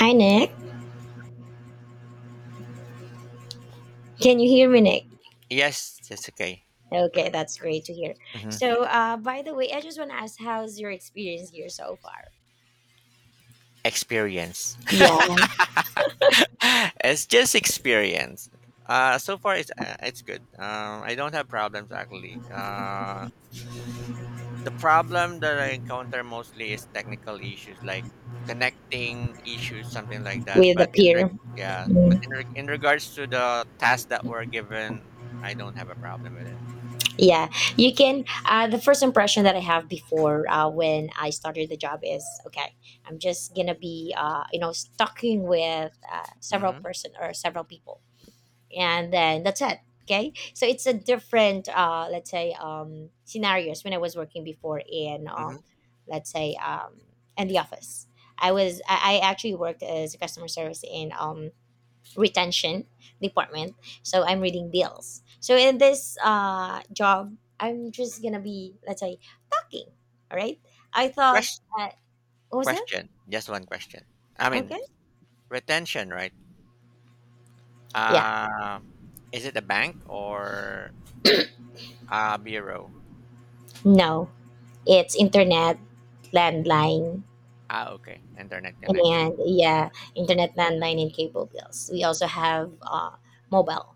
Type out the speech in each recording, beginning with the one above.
Hi, Nick. Can you hear me, Nick? Yes, that's okay. Okay, that's great to hear. hmm So, by the way, I just want to ask, how's your experience here so far? Experience. Yeah, It's just experience. So far it's it's good. I don't have problems actually. The problem that I encounter mostly is technical issues like connecting issues, something like that. with the peer. Yeah, but Mm. In regards to the tasks that were given, I don't have a problem with it. Yeah, you Mm-hmm. can. The first impression that I have before when I started the job is okay. I'm just gonna be, talking with several Mm-hmm. person or several people. And then that's it. Okay, so it's a different let's say scenarios when I was working before in let's say in the office. I actually worked as a customer service in retention department. So I'm reading bills. So in this job I'm just gonna be, let's say, talking. All right, I thought. Question. uh, what was that? Question. Just one question. I mean Okay. retention, right? Yeah, Uh, is it a bank or a bureau? no, it's internet landline. Ah, okay. Internet connection. And yeah, Okay. internet landline and cable bills. We also have mobile,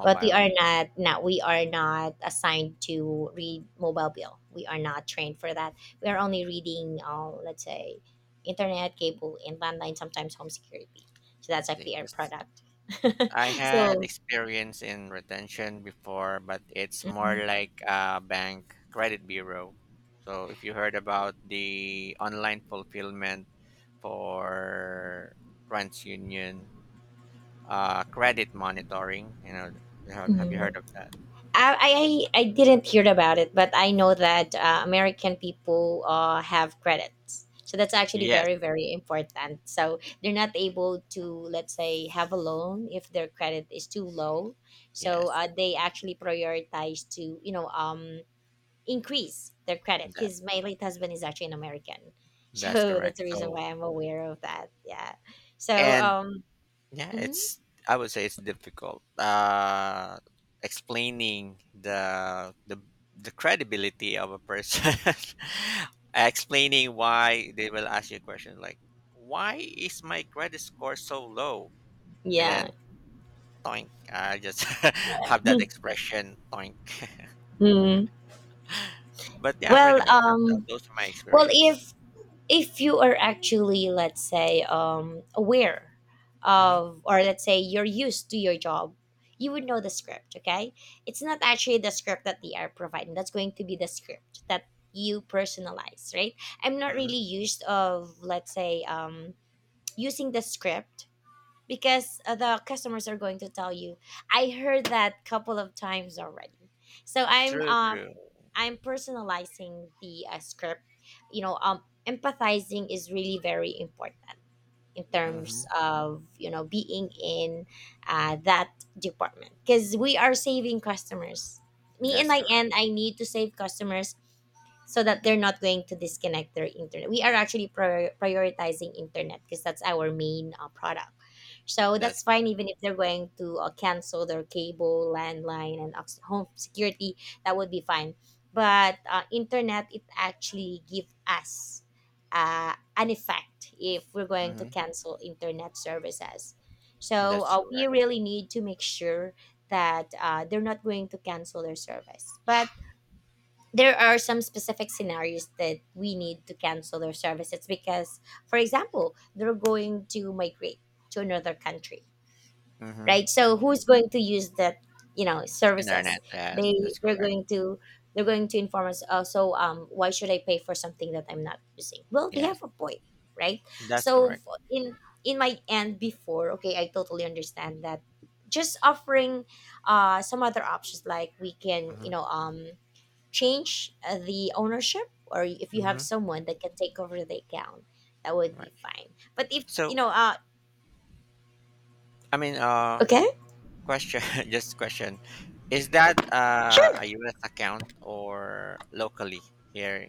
but we are not we are not assigned to read mobile bill. We are not trained for that. We are only reading, let's say, internet, cable, and landline. Sometimes home security. So that's like See, the air 'cause product. I had So. experience in retention before, but it's Mhm. more like a bank credit bureau. So if you heard about the online fulfillment for TransUnion credit monitoring, you know, have you Mhm. heard of that? I I didn't hear about it, but I know that American people have credits, so that's actually Yes, very very important. So they're not able to, let's say, have a loan if their credit is too low, so yes, they actually prioritize to, increase their credit, that, because my late husband is actually an American, that's so correct. that's the reason So, why I'm aware of that. Yeah, so and Yeah, mhm. it's I would say it's difficult. Uh, explaining the credibility of a person. Explaining why they will ask you a question like, why is my credit score so low? And Yeah. then toink, I just have that expression toink. Mhm. But yeah, pretty Well, much those are my well, experience. If you are actually, let's say, aware hmm of, or let's say you're used to your job, you would know the script. Okay, it's not actually the script that they are providing that's going to be the script that you personalize, right? I'm not hmm really used of, let's say, using the script, because the customers are going to tell you. I heard that couple of times already. So True, true. I'm personalizing the script. You know, empathizing is really very important in terms hmm of, you know, being in that department, because we are saving customers. Me in That's my correct. end, I need to save customers so that they're not going to disconnect their internet. We are actually prioritizing internet because that's our main product. So That's that's correct. fine even if they're going to cancel their cable, landline, and home security, that would be fine. But internet, it actually give us an effect if we're going to hmm cancel internet services. So That's we correct. really need to make sure that they're not going to cancel their service. But there are some specific scenarios that we need to cancel their services because, for example, they're going to migrate to another country, hmm right? So who's going to use that, you know, services? Internet, yes, They that's they're correct. going to they're going to inform us. Also, why should I pay for something that I'm not using? Well, they Yes, have a point, right? that's So correct. In my end before, okay, I totally understand that. Just offering some other options like we can, you hmm know, change the ownership, or if you have hmm someone that can take over the account, that would Right. be fine. But if you So, know I mean, okay. question, just question, is that Sure. A U.S. account or locally here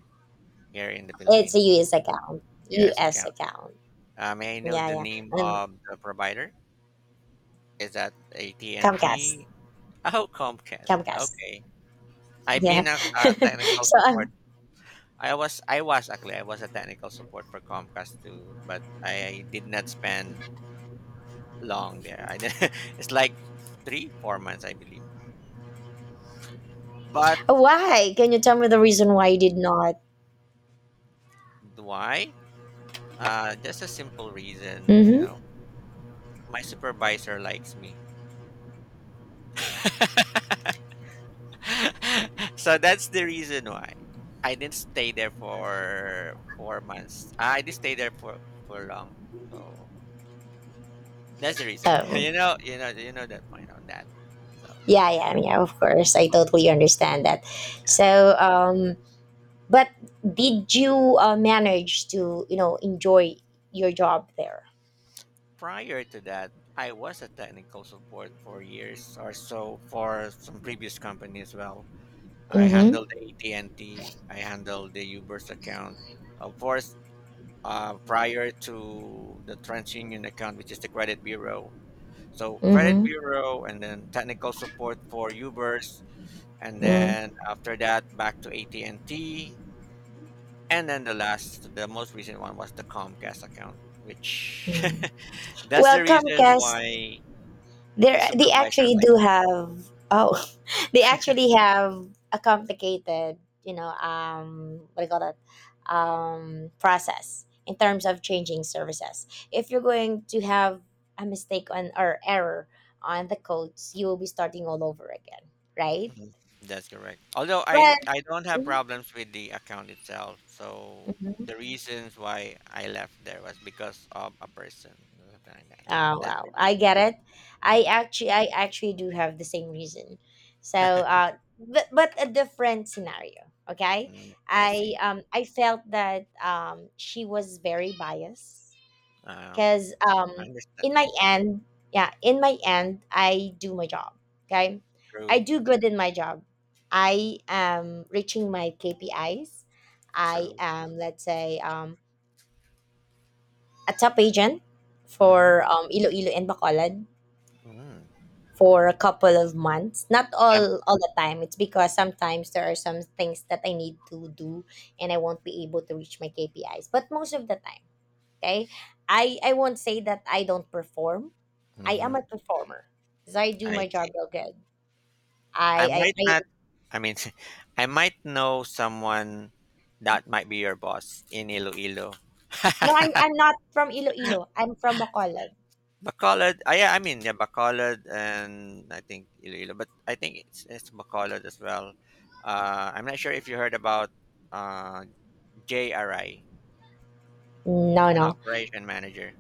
here in the It's a Philippines? US account. U.S. US account. account. May I know Yeah, the yeah. name And of the provider? Is that Comcast. AT&T? Oh, Comcast. Comcast. Okay. I've Yeah. been a technical So support. I was actually I was a technical support for Comcast too, but I did not spend long there. I didn't- it's like three, four months, I believe. But why, can you tell me the reason why you did not? why? Just a simple reason, you Hmm. know, my supervisor likes me. So that's the reason why I didn't stay there for four months. I didn't stay there for long. So that's the reason. Um, You know, you know, you know that point on that. So, yeah, yeah, yeah, of course, I but totally understand that. yeah, So but did you manage to, you know, enjoy your job there? prior to that, I was a technical support for years or so for some previous company as well. I Mm-hmm. handle the AT&T. I handle the Uber's account. Of course, prior to the TransUnion account, which is the credit bureau. So credit Mm-hmm. bureau, and then technical support for Uber's, and Mm-hmm. then after that, back to AT&T, and then the last, the most recent one was the Comcast account, which that's Well, the reason Comcast, why the they supervisor actually like. do have, oh, they actually have a complicated, you know, what do you call that, process in terms of changing services. If you're going to have a mistake on, or error on the codes, you will be starting all over again, right? Mhm. That's correct. Although I But, I don't have problems with the account itself. So mhm. the reasons why I left there was because of a person, something like that. That's the Well, I reason. get it. Mhm. I actually do have the same reason. So, but a different scenario. Okay, Mm, I see. I felt that she was very biased Um, because I in understand. my end, yeah, in my end, I do my job. Okay, I True. do good in my job. I am reaching my KPIs. I True. am, let's say, a top agent Mm-hmm. for Iloilo and Bacolod Mm. for a couple of months. Not I'm, all the time. It's because sometimes there are some things that I need to do and I won't be able to reach my KPIs. But most of the time, okay? I won't say that I don't perform. I am mm-hmm. a performer. Because I do I my see. job real good. I might I not. I mean, I might know someone that might be your boss in Iloilo. No, I'm not from Iloilo. I'm from Bacolod. Bacolod, ah, yeah, I mean, yeah, Bacolod and I think Iloilo, but I think it's Bacolod as well. I'm not sure if you heard about uh, JRI, No, an no. operation manager.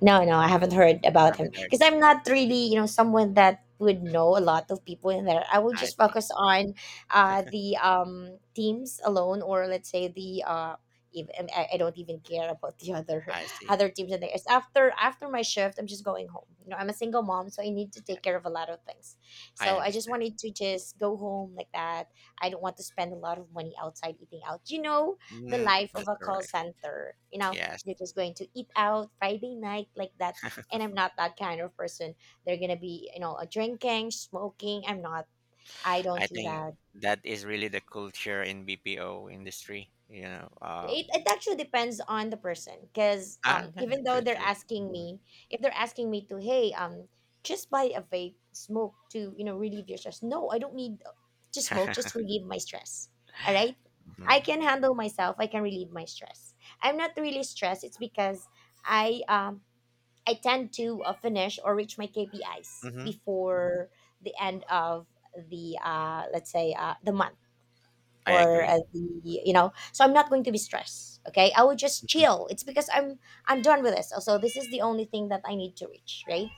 No, no, I haven't heard I about him haven't heard. because I'm not really, you know, someone that would know a lot of people in there. I will I just see. focus on the teams alone, or let's say the even I don't even care about the other I see. other teams in there. It's after my shift, I'm just going home. You know, I'm a single mom, so I need to take care of a lot of things. I So I just understand. wanted to just go home like that. I don't want to spend a lot of money outside eating out. You know, the Mm, life that's of a call correct. center. You know, Yes. they're just going to eat out Friday night like that. And I'm not that kind of person. They're gonna be, you know, a drinking, smoking. I'm not. I don't I do think that. that is really the culture in BPO industry. You know, It actually depends on the person because ah, yeah, even though true, they're true. asking hmm me, if they're asking me to, hey, just buy a vape, smoke to, you know, relieve your stress. No, I don't need to smoke, just relieve my stress. All right? I can handle myself. I can relieve my stress. I'm not really stressed. It's because I um I tend to finish or reach my KPIs hmm before the end of the let's say the month, I or agree. The, you know, so I'm not going to be stressed. Okay, I will just Mhm. chill. It's because I'm done with this. Also, this is the only thing that I need to reach. Right.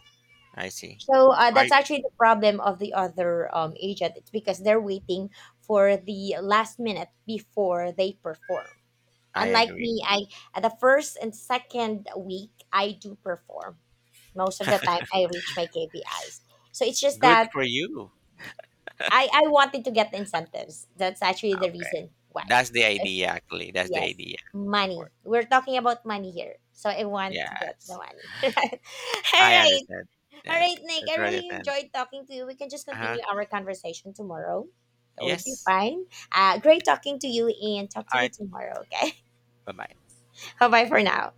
I see. So that's I, actually the problem of the other agent. It's because they're waiting for the last minute before they perform. I Unlike agree. me, I at the first and second week I do perform. Most of the time I reach my KPIs. So it's just Good that for you. I wanted to get incentives. That's actually the Okay. reason why. That's the Uh, idea, actually. That's the yes, idea. Of money, course. we're talking about money here, so I want to get the Yes. money. Right. All I right. understand. All Yes. right, Nick, That's I rather really than. enjoyed talking to you. We can just Uh huh. continue our conversation tomorrow. That would be Yes. fine. Great talking to you, and talk to All you right. tomorrow. Okay. Bye bye. Bye bye for now.